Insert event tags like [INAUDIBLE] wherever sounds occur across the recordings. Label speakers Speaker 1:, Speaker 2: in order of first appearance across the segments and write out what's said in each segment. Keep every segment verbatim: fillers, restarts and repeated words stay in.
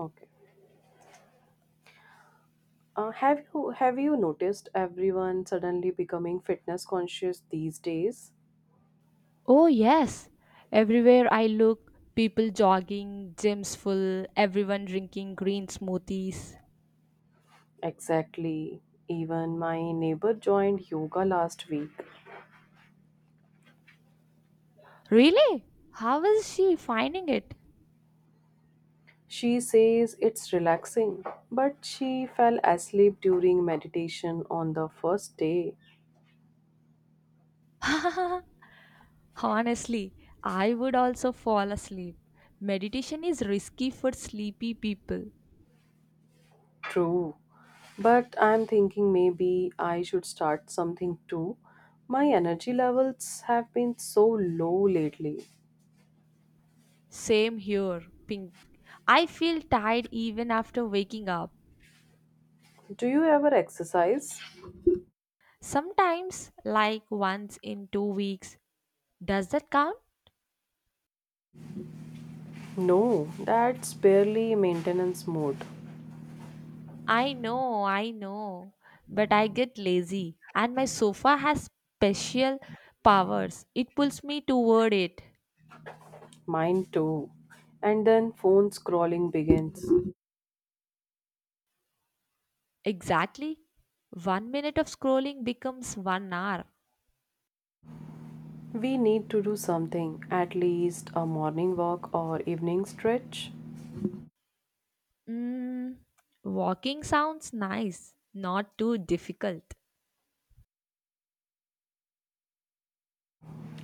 Speaker 1: Okay. Uh, have you have you noticed everyone suddenly becoming fitness conscious these days?
Speaker 2: Oh, yes. Everywhere I look, people jogging, gyms full, everyone drinking green smoothies.
Speaker 1: Exactly. Even my neighbor joined yoga last week.
Speaker 2: Really? How is she finding it?
Speaker 1: She says it's relaxing, but she fell asleep during meditation on the first day.
Speaker 2: [LAUGHS] Honestly, I would also fall asleep. Meditation is risky for sleepy people.
Speaker 1: True. But I'm thinking maybe I should start something too. My energy levels have been so low lately.
Speaker 2: Same here, Pink. I feel tired even after waking up.
Speaker 1: Do you ever exercise?
Speaker 2: Sometimes, like once in two weeks. Does that count?
Speaker 1: No, that's barely maintenance mode.
Speaker 2: I know, I know, but I get lazy and my sofa has special powers. It pulls me toward it.
Speaker 1: Mine too. And then phone scrolling begins.
Speaker 2: Exactly. One minute of scrolling becomes one hour.
Speaker 1: We need to do something, at least a morning walk or evening stretch.
Speaker 2: Mm, walking sounds nice, not too difficult.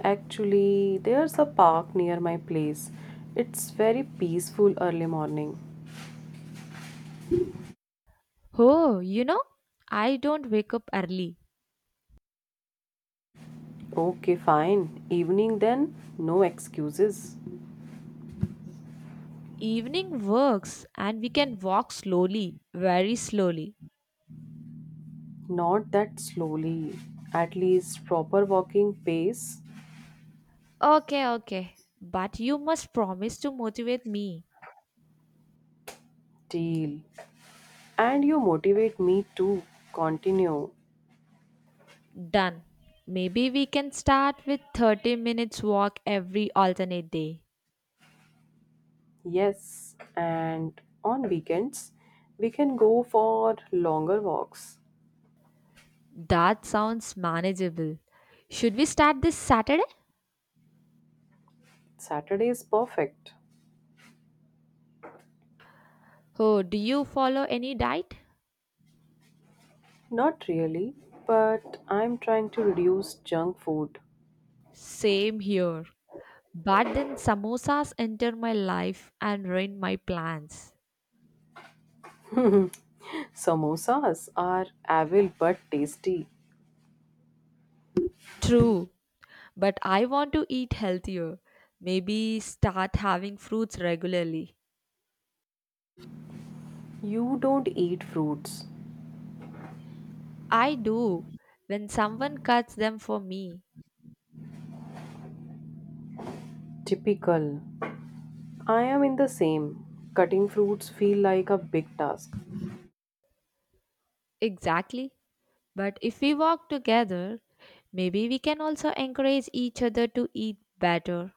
Speaker 1: Actually, there's a park near my place. It's very peaceful early morning.
Speaker 2: Oh, you know, I don't wake up early.
Speaker 1: Okay, fine. Evening then, no excuses.
Speaker 2: Evening works and we can walk slowly, very slowly.
Speaker 1: Not that slowly, at least proper walking pace.
Speaker 2: Okay, okay, but you must promise to motivate me.
Speaker 1: Deal. And you motivate me to continue.
Speaker 2: Done. Maybe we can start with thirty minutes walk every alternate day.
Speaker 1: Yes, and on weekends, we can go for longer walks.
Speaker 2: That sounds manageable. Should we start this Saturday?
Speaker 1: Saturday is perfect.
Speaker 2: Oh, do you follow any diet?
Speaker 1: Not really, but I'm trying to reduce junk food.
Speaker 2: Same here. But then samosas enter my life and ruin my plans.
Speaker 1: Samosas are evil but tasty.
Speaker 2: True, but I want to eat healthier. Maybe start having fruits regularly.
Speaker 1: You don't eat fruits.
Speaker 2: I do when someone cuts them for me.
Speaker 1: Typical. I am in the same. Cutting fruits feel like a big task.
Speaker 2: Exactly. But if we walk together, maybe we can also encourage each other to eat better.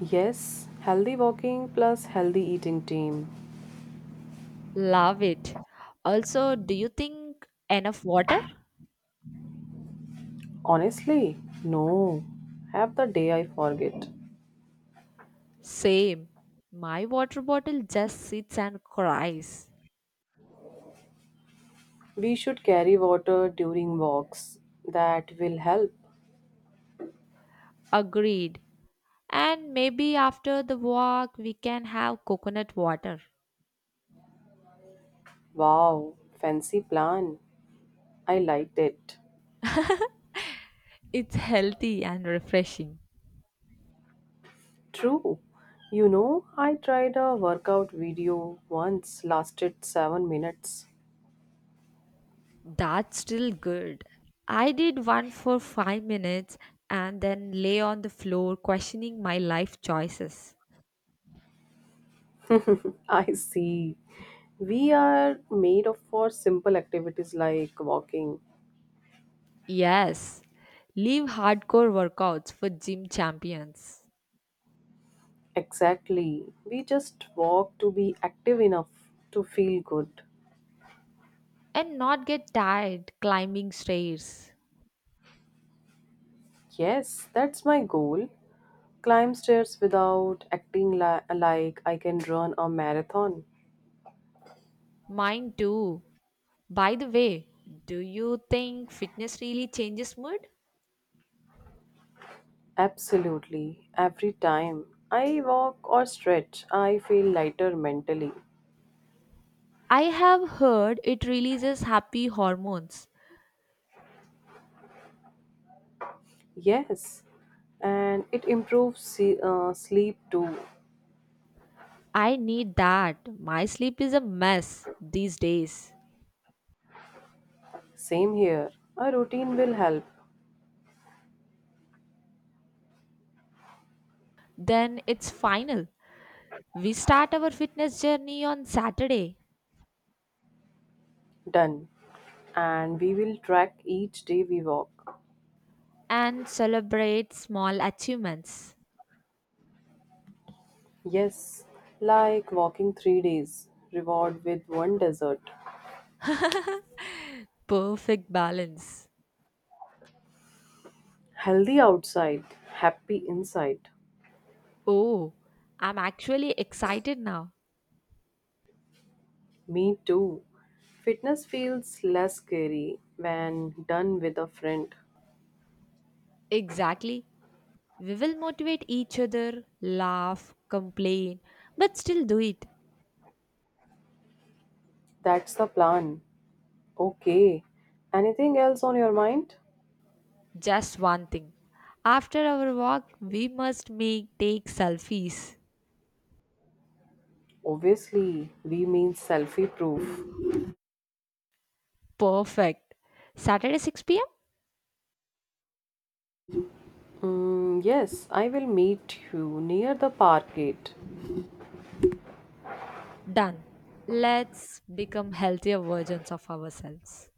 Speaker 1: Yes, healthy walking plus healthy eating team.
Speaker 2: Love it. Also, do you think enough water?
Speaker 1: Honestly, no. Have the day I forget.
Speaker 2: Same. My water bottle just sits and cries.
Speaker 1: We should carry water during walks. That will help.
Speaker 2: Agreed. And maybe after the walk, we can have coconut water.
Speaker 1: Wow, fancy plan. I liked it.
Speaker 2: It's healthy and refreshing.
Speaker 1: True. You know, I tried a workout video once, lasted seven minutes.
Speaker 2: That's still good. I did one for five minutes and then lay on the floor questioning my life choices.
Speaker 1: [LAUGHS] I see. We are made of for simple activities like walking.
Speaker 2: Yes, leave hardcore workouts for gym champions
Speaker 1: Exactly. We just walk to be active enough to feel good.
Speaker 2: and not get tired climbing stairs.
Speaker 1: Yes, that's my goal. Climb stairs without acting li- like I can run a marathon.
Speaker 2: Mine too. By the way, do you think fitness really changes mood?
Speaker 1: Absolutely. Every time I walk or stretch, I feel lighter mentally.
Speaker 2: I have heard it releases happy hormones.
Speaker 1: Yes, and it improves se- uh, sleep too.
Speaker 2: I need that. My sleep is a mess these days.
Speaker 1: Same here. A routine will help.
Speaker 2: Then it's final. We start our fitness journey on Saturday
Speaker 1: Done. And we will track each day we walk.
Speaker 2: and celebrate small achievements.
Speaker 1: Yes, like walking three days, reward with one dessert.
Speaker 2: [LAUGHS] Perfect balance.
Speaker 1: Healthy outside, happy inside.
Speaker 2: Oh, I'm actually excited now.
Speaker 1: Me too. Fitness feels less scary when done with a friend.
Speaker 2: Exactly. We will motivate each other, laugh, complain, but still do it.
Speaker 1: That's the plan. Okay. Anything else on your mind?
Speaker 2: Just one thing. After our walk, we must make take selfies.
Speaker 1: Obviously, we mean selfie proof.
Speaker 2: Perfect. Saturday six p m?
Speaker 1: Mm, yes, I will meet you near the park gate.
Speaker 2: Done. Let's become healthier versions of ourselves.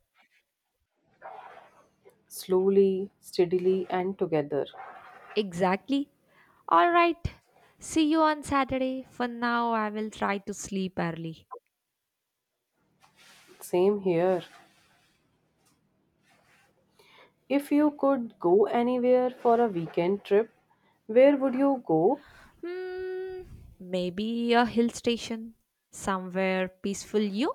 Speaker 1: Slowly, steadily, and together.
Speaker 2: Exactly. All right. See you on Saturday. For now, I will try to sleep early.
Speaker 1: Same here. If you could go anywhere for a weekend trip, where would you go?
Speaker 2: Hmm, maybe a hill station somewhere peaceful. You?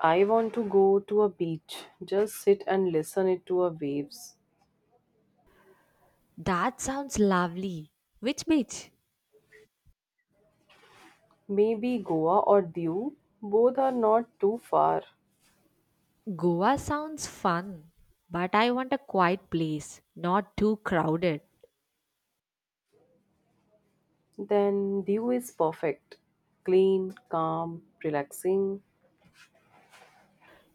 Speaker 1: I want to go to a beach, just sit and listen it to a waves.
Speaker 2: That sounds lovely. Which beach?
Speaker 1: Maybe Goa or Diu, both are not too far.
Speaker 2: Goa sounds fun, but I want a quiet place, not too crowded.
Speaker 1: Then Diu is perfect. Clean, calm, relaxing.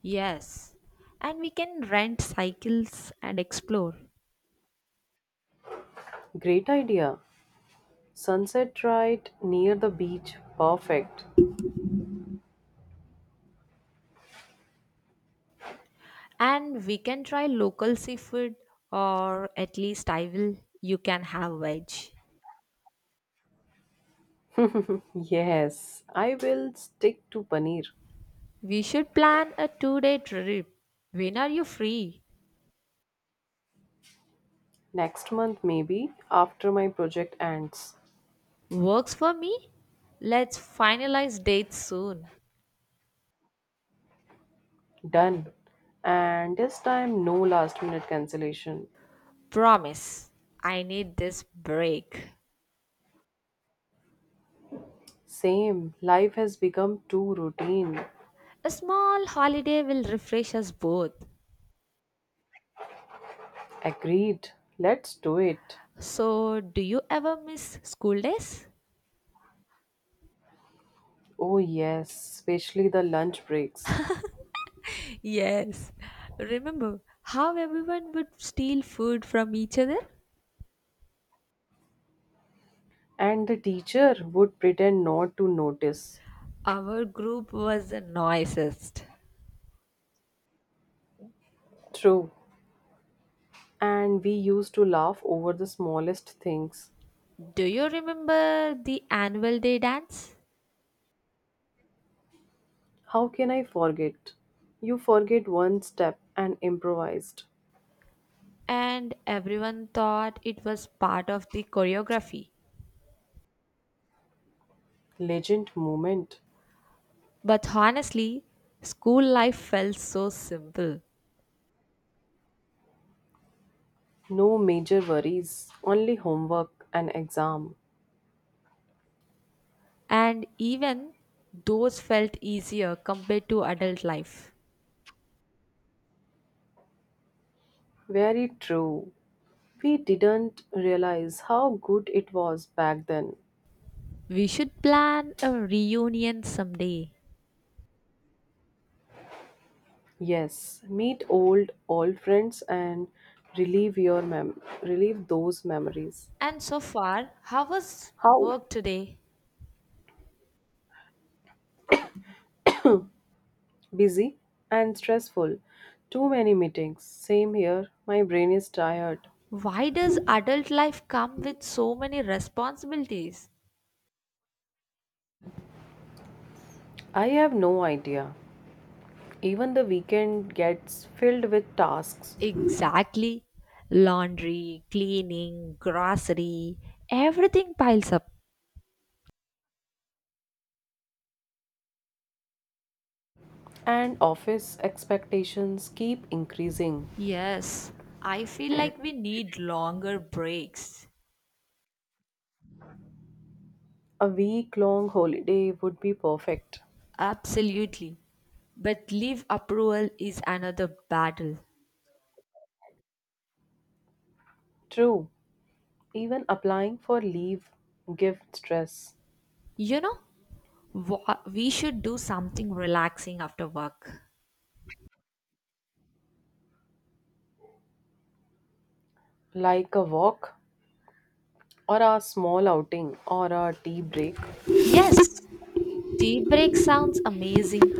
Speaker 2: Yes, and we can rent cycles and explore.
Speaker 1: Great idea. Sunset right near the beach, perfect.
Speaker 2: And we can try local seafood, or at least I will. You can have veg.
Speaker 1: Yes, I will stick to paneer.
Speaker 2: We should plan a two day trip. When are you free?
Speaker 1: Next month maybe after my project ends.
Speaker 2: Works for me? Let's finalize dates soon.
Speaker 1: Done. And this time no last minute cancellation.
Speaker 2: Promise, I need this break.
Speaker 1: Same. Life has become too routine.
Speaker 2: A small holiday will refresh us both.
Speaker 1: Agreed. Let's do it.
Speaker 2: So, do you ever miss school days?
Speaker 1: Oh, yes, especially the lunch breaks.
Speaker 2: Yes. Remember how everyone would steal food from each other?
Speaker 1: And the teacher would pretend not to notice.
Speaker 2: Our group was the noisiest.
Speaker 1: True. And we used to laugh over the smallest things.
Speaker 2: Do you remember the annual day dance?
Speaker 1: How can I forget? You forget one step and improvised.
Speaker 2: And everyone thought it was part of the choreography.
Speaker 1: Legend moment.
Speaker 2: But honestly, school life felt so simple,
Speaker 1: No major worries, only homework and exam.
Speaker 2: and even those felt easier compared to adult life.
Speaker 1: Very true. We didn't realize how good it was back then.
Speaker 2: We should plan a reunion someday.
Speaker 1: Yes, meet old old friends and relieve your mem relieve those memories.
Speaker 2: And so far, how was
Speaker 1: How
Speaker 2: work today?
Speaker 1: busy and stressful. Too many meetings. Same here. My brain is tired.
Speaker 2: Why does adult life come with so many responsibilities?
Speaker 1: I have no idea. Even the weekend gets filled with tasks
Speaker 2: Exactly. Laundry, cleaning, grocery, everything piles up.
Speaker 1: and office expectations keep increasing.
Speaker 2: Yes, I feel like we need longer breaks.
Speaker 1: A week long holiday would be perfect.
Speaker 2: Absolutely. But leave approval is another battle.
Speaker 1: True, even applying for leave gives stress,
Speaker 2: You know, wha- we should do something relaxing after work.
Speaker 1: like a walk or a small outing or a tea break.
Speaker 2: Yes, tea break sounds amazing.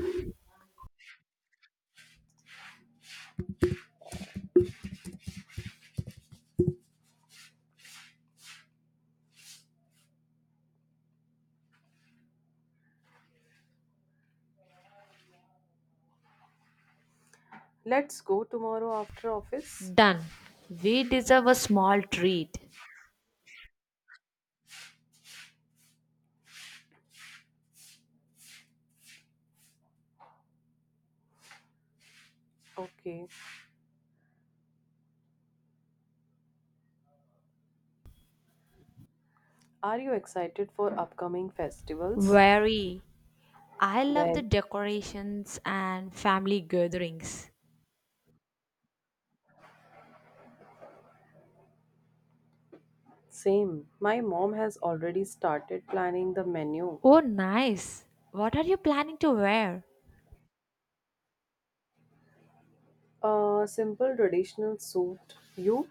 Speaker 1: Let's go tomorrow after office.
Speaker 2: Done. We deserve a small treat.
Speaker 1: Okay. Are you excited for upcoming festivals?
Speaker 2: Very. I love the
Speaker 1: Well,
Speaker 2: decorations and family gatherings.
Speaker 1: same. My mom has already started planning the menu.
Speaker 2: Oh, nice. What are you planning to wear?
Speaker 1: A simple traditional suit. You?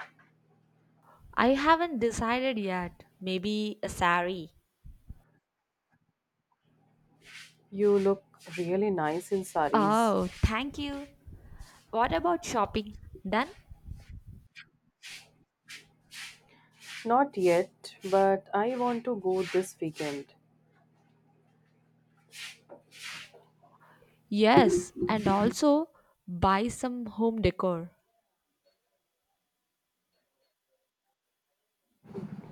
Speaker 2: I haven't decided yet. Maybe a sari.
Speaker 1: You look really nice in saris.
Speaker 2: Oh, thank you. What about shopping then?
Speaker 1: Not yet, but I want to go this weekend.
Speaker 2: Yes, and also buy some home decor.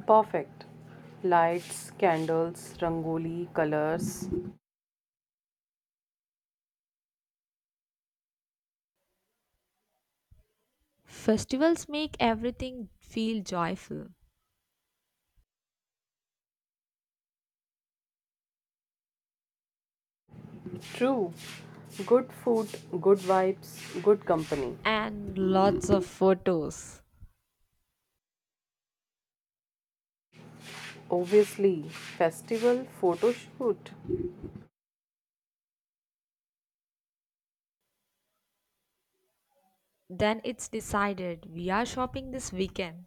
Speaker 1: Perfect. Lights, candles, rangoli, colors.
Speaker 2: Festivals make everything feel joyful
Speaker 1: True. Good food, good vibes, good company.
Speaker 2: and lots of photos.
Speaker 1: Obviously, festival photo shoot.
Speaker 2: Then it's decided we are shopping this weekend.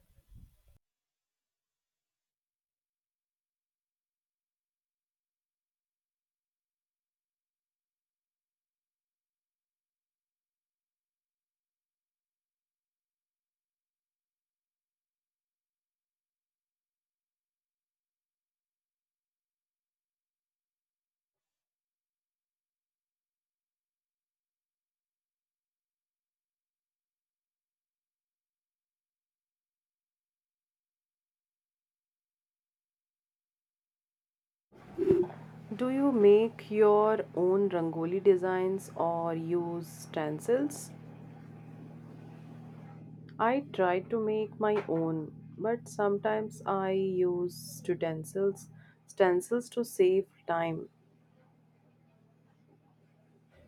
Speaker 1: Do you make your own rangoli designs or use stencils? I try to make my own, but sometimes I use stencils, stencils to save time.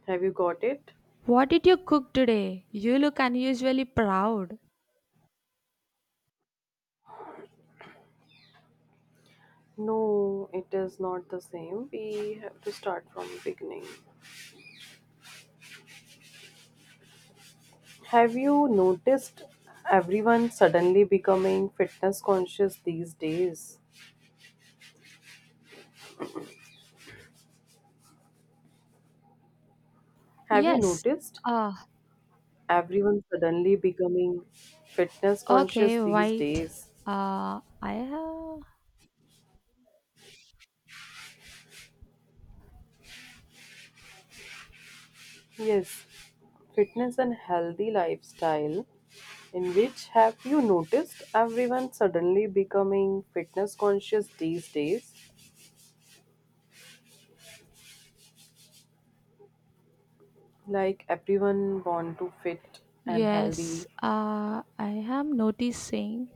Speaker 1: Have you got it?
Speaker 2: What did you cook today? You look unusually proud.
Speaker 1: No, it is not the same. We have to start from beginning. Have you noticed everyone suddenly becoming fitness conscious these days? Have you
Speaker 2: Yes.
Speaker 1: noticed
Speaker 2: Uh,
Speaker 1: everyone suddenly becoming fitness conscious
Speaker 2: okay,
Speaker 1: these
Speaker 2: wait.
Speaker 1: days?
Speaker 2: Uh, I have.
Speaker 1: Yes, fitness and healthy lifestyle. In which have you noticed everyone suddenly becoming fitness conscious these days? Like everyone want to fit and
Speaker 2: Yes,
Speaker 1: healthy.
Speaker 2: uh, I am noticing.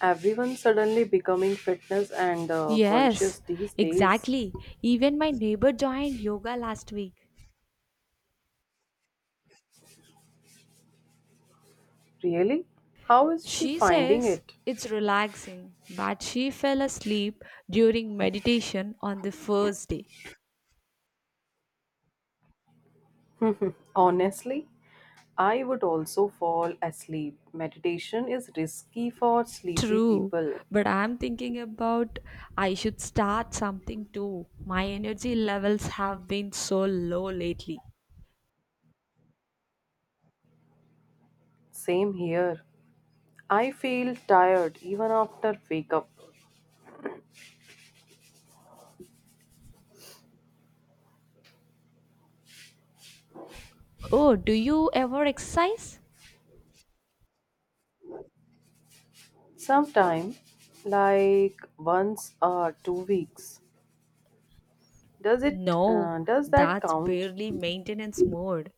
Speaker 1: Everyone suddenly becoming fitness and uh,
Speaker 2: Yes,
Speaker 1: conscious these days.
Speaker 2: exactly. Even my neighbor joined yoga last week.
Speaker 1: Really? How is she
Speaker 2: She
Speaker 1: finding
Speaker 2: says
Speaker 1: it?
Speaker 2: it's relaxing, but she fell asleep during meditation on the first day.
Speaker 1: Honestly, I would also fall asleep. Meditation is risky for sleepy
Speaker 2: True,
Speaker 1: people.
Speaker 2: but I'm thinking about I should start something too. My energy levels have been so low lately.
Speaker 1: Same here. I feel tired even after wake up.
Speaker 2: Oh, do you ever exercise?
Speaker 1: Sometime, like once or two weeks. Does it?
Speaker 2: No,
Speaker 1: Uh, does that
Speaker 2: that's
Speaker 1: count?
Speaker 2: barely maintenance mode.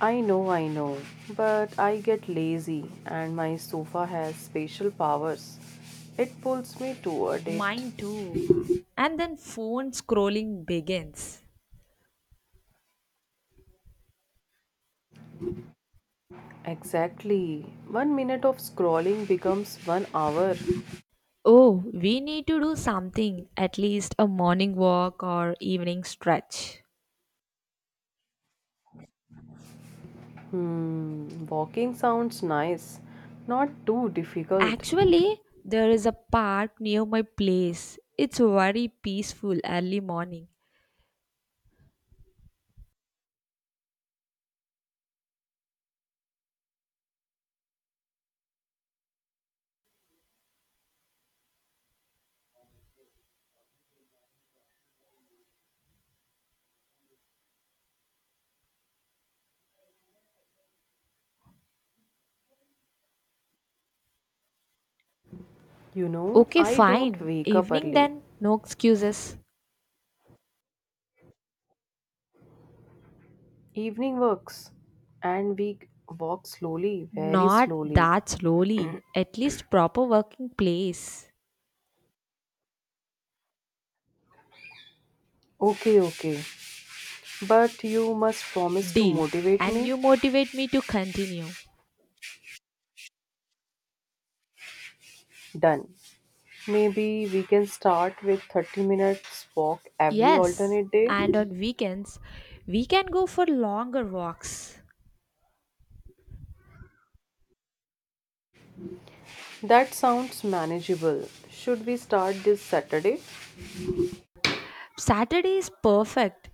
Speaker 1: I know, I know, but I get lazy and my sofa has special powers. It pulls me toward it.
Speaker 2: Mine too. And then phone scrolling begins.
Speaker 1: Exactly. One minute of scrolling becomes one hour.
Speaker 2: Oh, we need to do something, at least a morning walk or evening stretch.
Speaker 1: Hmm, walking sounds nice, not too difficult.
Speaker 2: Actually, there is a park near my place. It's very peaceful early morning.
Speaker 1: You know,
Speaker 2: Okay,
Speaker 1: I don't
Speaker 2: fine.
Speaker 1: wake up
Speaker 2: Evening
Speaker 1: early.
Speaker 2: then, no excuses.
Speaker 1: Evening works, and we walk slowly, very
Speaker 2: Not
Speaker 1: slowly.
Speaker 2: that slowly, at least proper working place.
Speaker 1: Okay, okay. But you must promise to
Speaker 2: Deal.
Speaker 1: motivate
Speaker 2: And
Speaker 1: me.
Speaker 2: you motivate me to continue.
Speaker 1: Done. Maybe we can start with thirty minutes walk every
Speaker 2: Yes,
Speaker 1: alternate day.
Speaker 2: and on weekends, we can go for longer walks.
Speaker 1: That sounds manageable. Should we start this Saturday?
Speaker 2: Saturday is perfect.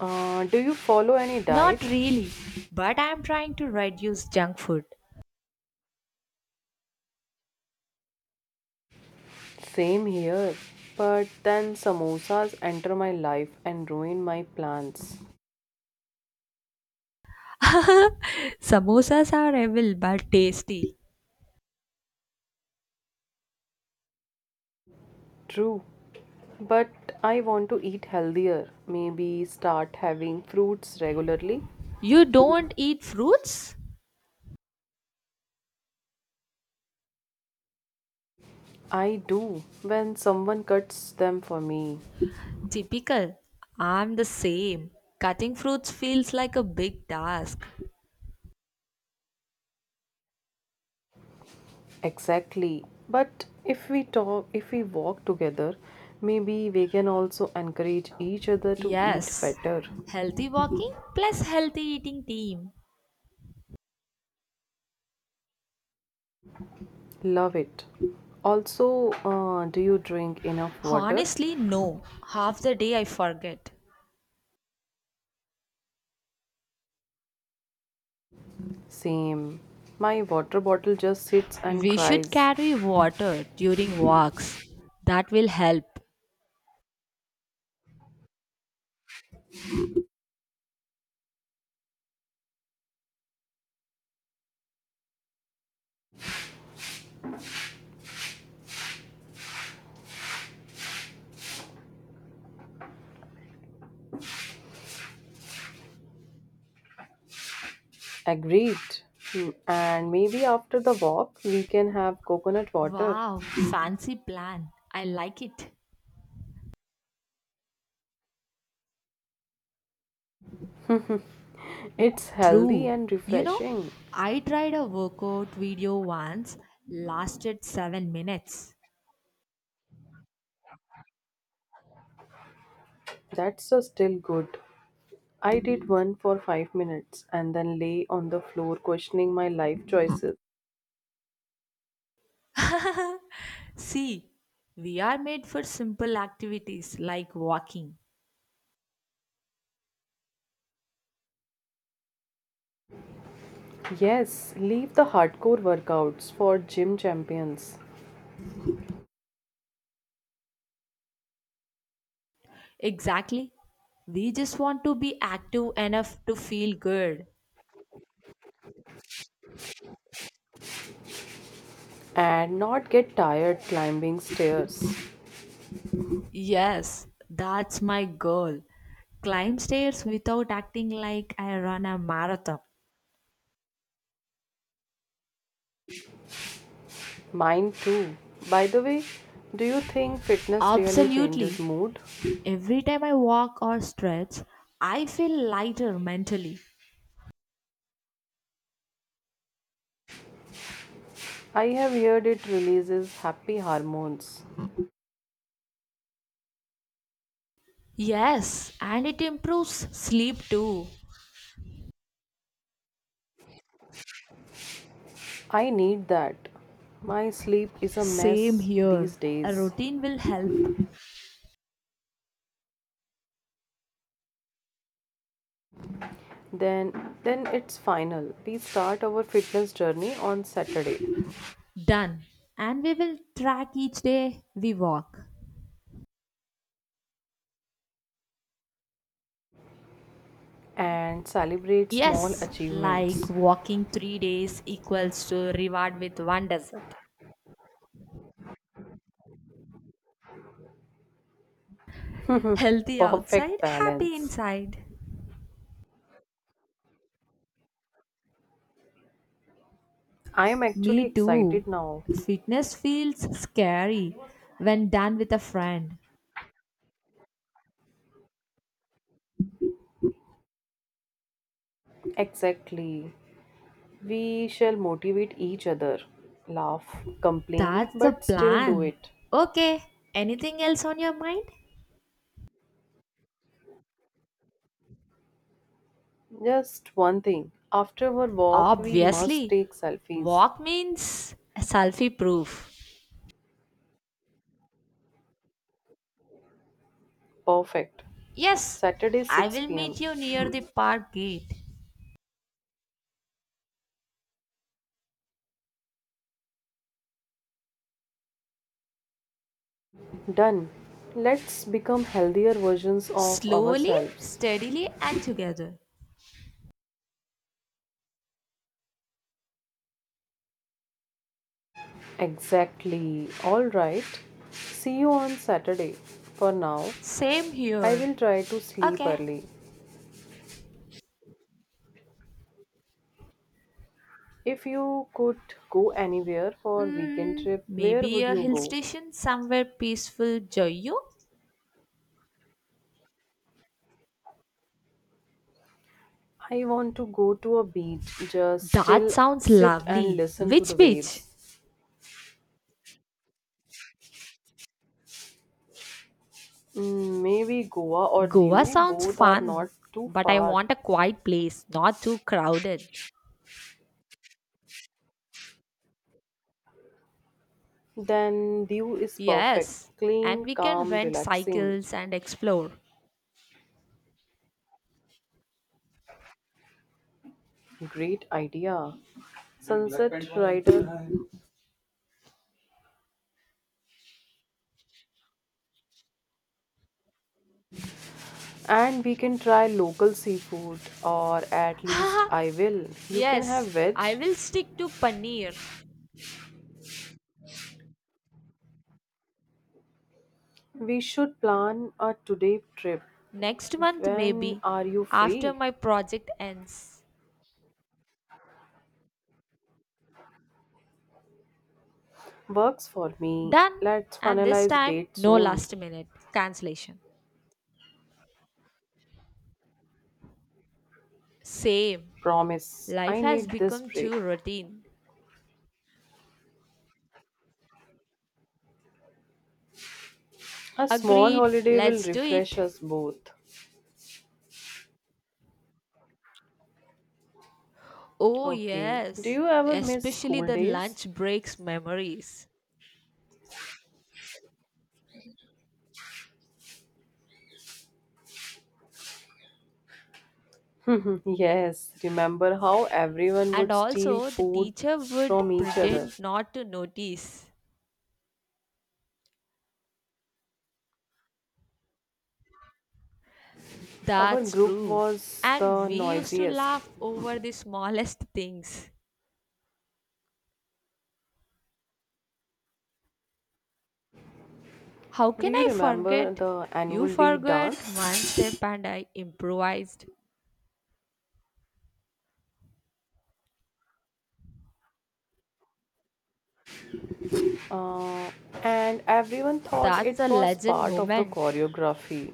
Speaker 1: Uh, do you follow any diet?
Speaker 2: Not really, but I'm trying to reduce junk food.
Speaker 1: Same here. But then samosas enter my life and ruin my plans.
Speaker 2: [LAUGHS] Samosas are evil but tasty.
Speaker 1: True. But I want to eat healthier. Maybe start having fruits regularly.
Speaker 2: You don't eat fruits?
Speaker 1: I do when someone cuts them for me.
Speaker 2: Typical. I'm the same. Cutting fruits feels like a big task.
Speaker 1: Exactly. But if we talk, if we walk together, maybe we can also encourage each other to eat
Speaker 2: Yes.
Speaker 1: better.
Speaker 2: Healthy walking plus healthy eating team.
Speaker 1: Love it. Also, uh, do you drink enough water?
Speaker 2: Honestly, no. Half the day I forget.
Speaker 1: Same. My water bottle just sits and
Speaker 2: We should
Speaker 1: cries.
Speaker 2: carry water during walks. That will help.
Speaker 1: Agreed. Hmm, And maybe after the walk, we can have coconut water.
Speaker 2: Wow, fancy plan. I like it.
Speaker 1: It's healthy
Speaker 2: True.
Speaker 1: and
Speaker 2: You know,
Speaker 1: refreshing.
Speaker 2: I tried a workout video once, lasted seven minutes.
Speaker 1: That's a still good. I did one for five minutes and then lay on the floor questioning my life choices.
Speaker 2: [LAUGHS] See, we are made for simple activities like walking.
Speaker 1: Yes, leave the hardcore workouts for gym champions
Speaker 2: Exactly. We just want to be active enough to feel good.
Speaker 1: and not get tired climbing stairs.
Speaker 2: Yes, that's my goal. Climb stairs without acting like I run a marathon.
Speaker 1: Mine too. By the way, do you think fitness really changes
Speaker 2: Absolutely.
Speaker 1: mood?
Speaker 2: Every time I walk or stretch, I feel lighter mentally.
Speaker 1: I have heard it releases happy hormones.
Speaker 2: Yes, and it improves sleep too.
Speaker 1: I need that. My sleep is a
Speaker 2: Same
Speaker 1: mess
Speaker 2: here.
Speaker 1: these
Speaker 2: A
Speaker 1: days.
Speaker 2: routine will help.
Speaker 1: Then then it's final. We start our fitness journey on Saturday.
Speaker 2: Done. And we will track each day we walk.
Speaker 1: And celebrate small
Speaker 2: Yes, like
Speaker 1: achievements.
Speaker 2: walking three days equals to reward with one desert. Healthy outside,
Speaker 1: Perfect
Speaker 2: happy
Speaker 1: balance.
Speaker 2: inside.
Speaker 1: I am actually
Speaker 2: Me too.
Speaker 1: excited now.
Speaker 2: Fitness feels scary when done with a friend.
Speaker 1: Exactly. We shall motivate each other, laugh, complain,
Speaker 2: That's the
Speaker 1: but still do
Speaker 2: plan.
Speaker 1: it.
Speaker 2: Okay, anything else on your mind?
Speaker 1: Just one thing. After our walk, we must
Speaker 2: Obviously,
Speaker 1: take selfies.
Speaker 2: walk means selfie proof.
Speaker 1: Perfect.
Speaker 2: Yes,
Speaker 1: Saturday
Speaker 2: I will
Speaker 1: six p m.
Speaker 2: meet you near the park gate.
Speaker 1: Done. Let's become healthier versions of
Speaker 2: Slowly,
Speaker 1: ourselves.
Speaker 2: steadily, and together.
Speaker 1: Exactly. All right. See you on Saturday. For now,
Speaker 2: Same
Speaker 1: I
Speaker 2: here.
Speaker 1: will try to sleep
Speaker 2: Okay.
Speaker 1: early. If you could go anywhere for weekend
Speaker 2: Mm,
Speaker 1: trip, where
Speaker 2: maybe
Speaker 1: would
Speaker 2: a
Speaker 1: you
Speaker 2: hill
Speaker 1: go?
Speaker 2: station somewhere peaceful, Joyu?
Speaker 1: I want to go to a beach, just
Speaker 2: That
Speaker 1: still
Speaker 2: sounds
Speaker 1: sit and
Speaker 2: lovely.
Speaker 1: listen to
Speaker 2: Which
Speaker 1: the
Speaker 2: beach?
Speaker 1: waves. Mm, maybe Goa or
Speaker 2: Goa
Speaker 1: Diu,
Speaker 2: sounds
Speaker 1: both are
Speaker 2: fun,
Speaker 1: not too
Speaker 2: but I
Speaker 1: far.
Speaker 2: want a quiet place, not too crowded.
Speaker 1: Then Diu is perfect,
Speaker 2: Yes, and
Speaker 1: clean,
Speaker 2: we can
Speaker 1: calm,
Speaker 2: rent
Speaker 1: relaxing.
Speaker 2: cycles and explore.
Speaker 1: Great idea. Sunset rider. And we can try local seafood, or at least I will. You can have
Speaker 2: Yes,
Speaker 1: veg.
Speaker 2: I will stick to Paneer.
Speaker 1: We should plan a today trip.
Speaker 2: Next month,
Speaker 1: When
Speaker 2: maybe,
Speaker 1: are you
Speaker 2: after
Speaker 1: free?
Speaker 2: my project ends.
Speaker 1: Works for me.
Speaker 2: Done,
Speaker 1: Let's
Speaker 2: and this
Speaker 1: finalize
Speaker 2: time,
Speaker 1: date
Speaker 2: no
Speaker 1: soon.
Speaker 2: last minute cancellation. Same.
Speaker 1: Promise.
Speaker 2: Life
Speaker 1: I
Speaker 2: has
Speaker 1: need this
Speaker 2: become
Speaker 1: break.
Speaker 2: too routine.
Speaker 1: A small
Speaker 2: Agreed,
Speaker 1: holiday will
Speaker 2: let's do
Speaker 1: refresh
Speaker 2: it.
Speaker 1: us both.
Speaker 2: Oh,
Speaker 1: Okay. Do
Speaker 2: yes,
Speaker 1: you ever miss
Speaker 2: especially
Speaker 1: school
Speaker 2: the
Speaker 1: days?
Speaker 2: lunch breaks memories.
Speaker 1: [LAUGHS] Yes, remember how everyone
Speaker 2: And
Speaker 1: would steal
Speaker 2: also, the
Speaker 1: food
Speaker 2: teacher would
Speaker 1: from each other.
Speaker 2: pretend not to notice.
Speaker 1: Our
Speaker 2: That's
Speaker 1: group
Speaker 2: true.
Speaker 1: was
Speaker 2: And
Speaker 1: the
Speaker 2: we used to
Speaker 1: noisiest.
Speaker 2: laugh over the smallest things. How
Speaker 1: Do
Speaker 2: can
Speaker 1: you
Speaker 2: I
Speaker 1: remember
Speaker 2: forget?
Speaker 1: the
Speaker 2: You
Speaker 1: annual day
Speaker 2: forgot
Speaker 1: dance?
Speaker 2: one step and I improvised.
Speaker 1: Uh, and everyone thought it
Speaker 2: That's a
Speaker 1: was
Speaker 2: legend
Speaker 1: part of the
Speaker 2: moment.
Speaker 1: choreography.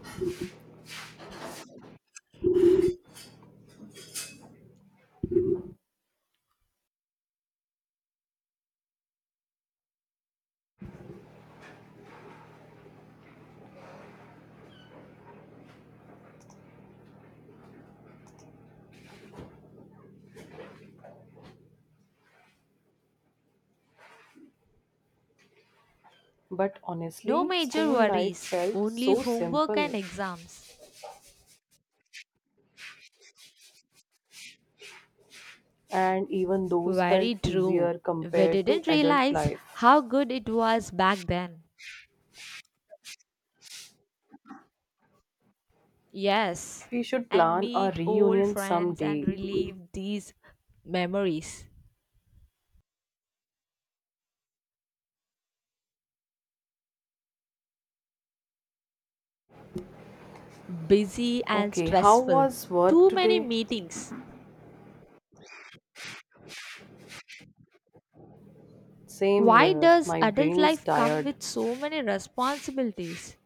Speaker 1: But
Speaker 2: No
Speaker 1: honestly,
Speaker 2: major
Speaker 1: school life
Speaker 2: worries,
Speaker 1: felt
Speaker 2: only
Speaker 1: so
Speaker 2: homework
Speaker 1: simple,
Speaker 2: and exams.
Speaker 1: and even those felt
Speaker 2: Very true.
Speaker 1: easier
Speaker 2: We
Speaker 1: compared to
Speaker 2: didn't
Speaker 1: adult
Speaker 2: realize
Speaker 1: life.
Speaker 2: how good it was back then. Yes,
Speaker 1: We should
Speaker 2: and
Speaker 1: plan a
Speaker 2: meet old
Speaker 1: reunion
Speaker 2: friends and
Speaker 1: someday.
Speaker 2: relive these memories. Busy and
Speaker 1: Okay, how
Speaker 2: stressful.
Speaker 1: was work
Speaker 2: Too many
Speaker 1: today?
Speaker 2: meetings.
Speaker 1: Same
Speaker 2: Why
Speaker 1: here.
Speaker 2: does
Speaker 1: My
Speaker 2: adult
Speaker 1: brain is
Speaker 2: life come
Speaker 1: tired.
Speaker 2: with so many responsibilities?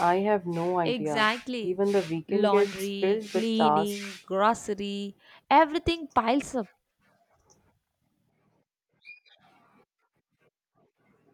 Speaker 1: I have no idea.
Speaker 2: Exactly.
Speaker 1: Even the weekend gets
Speaker 2: Laundry,
Speaker 1: filled with
Speaker 2: cleaning,
Speaker 1: tasks.
Speaker 2: grocery, everything piles up.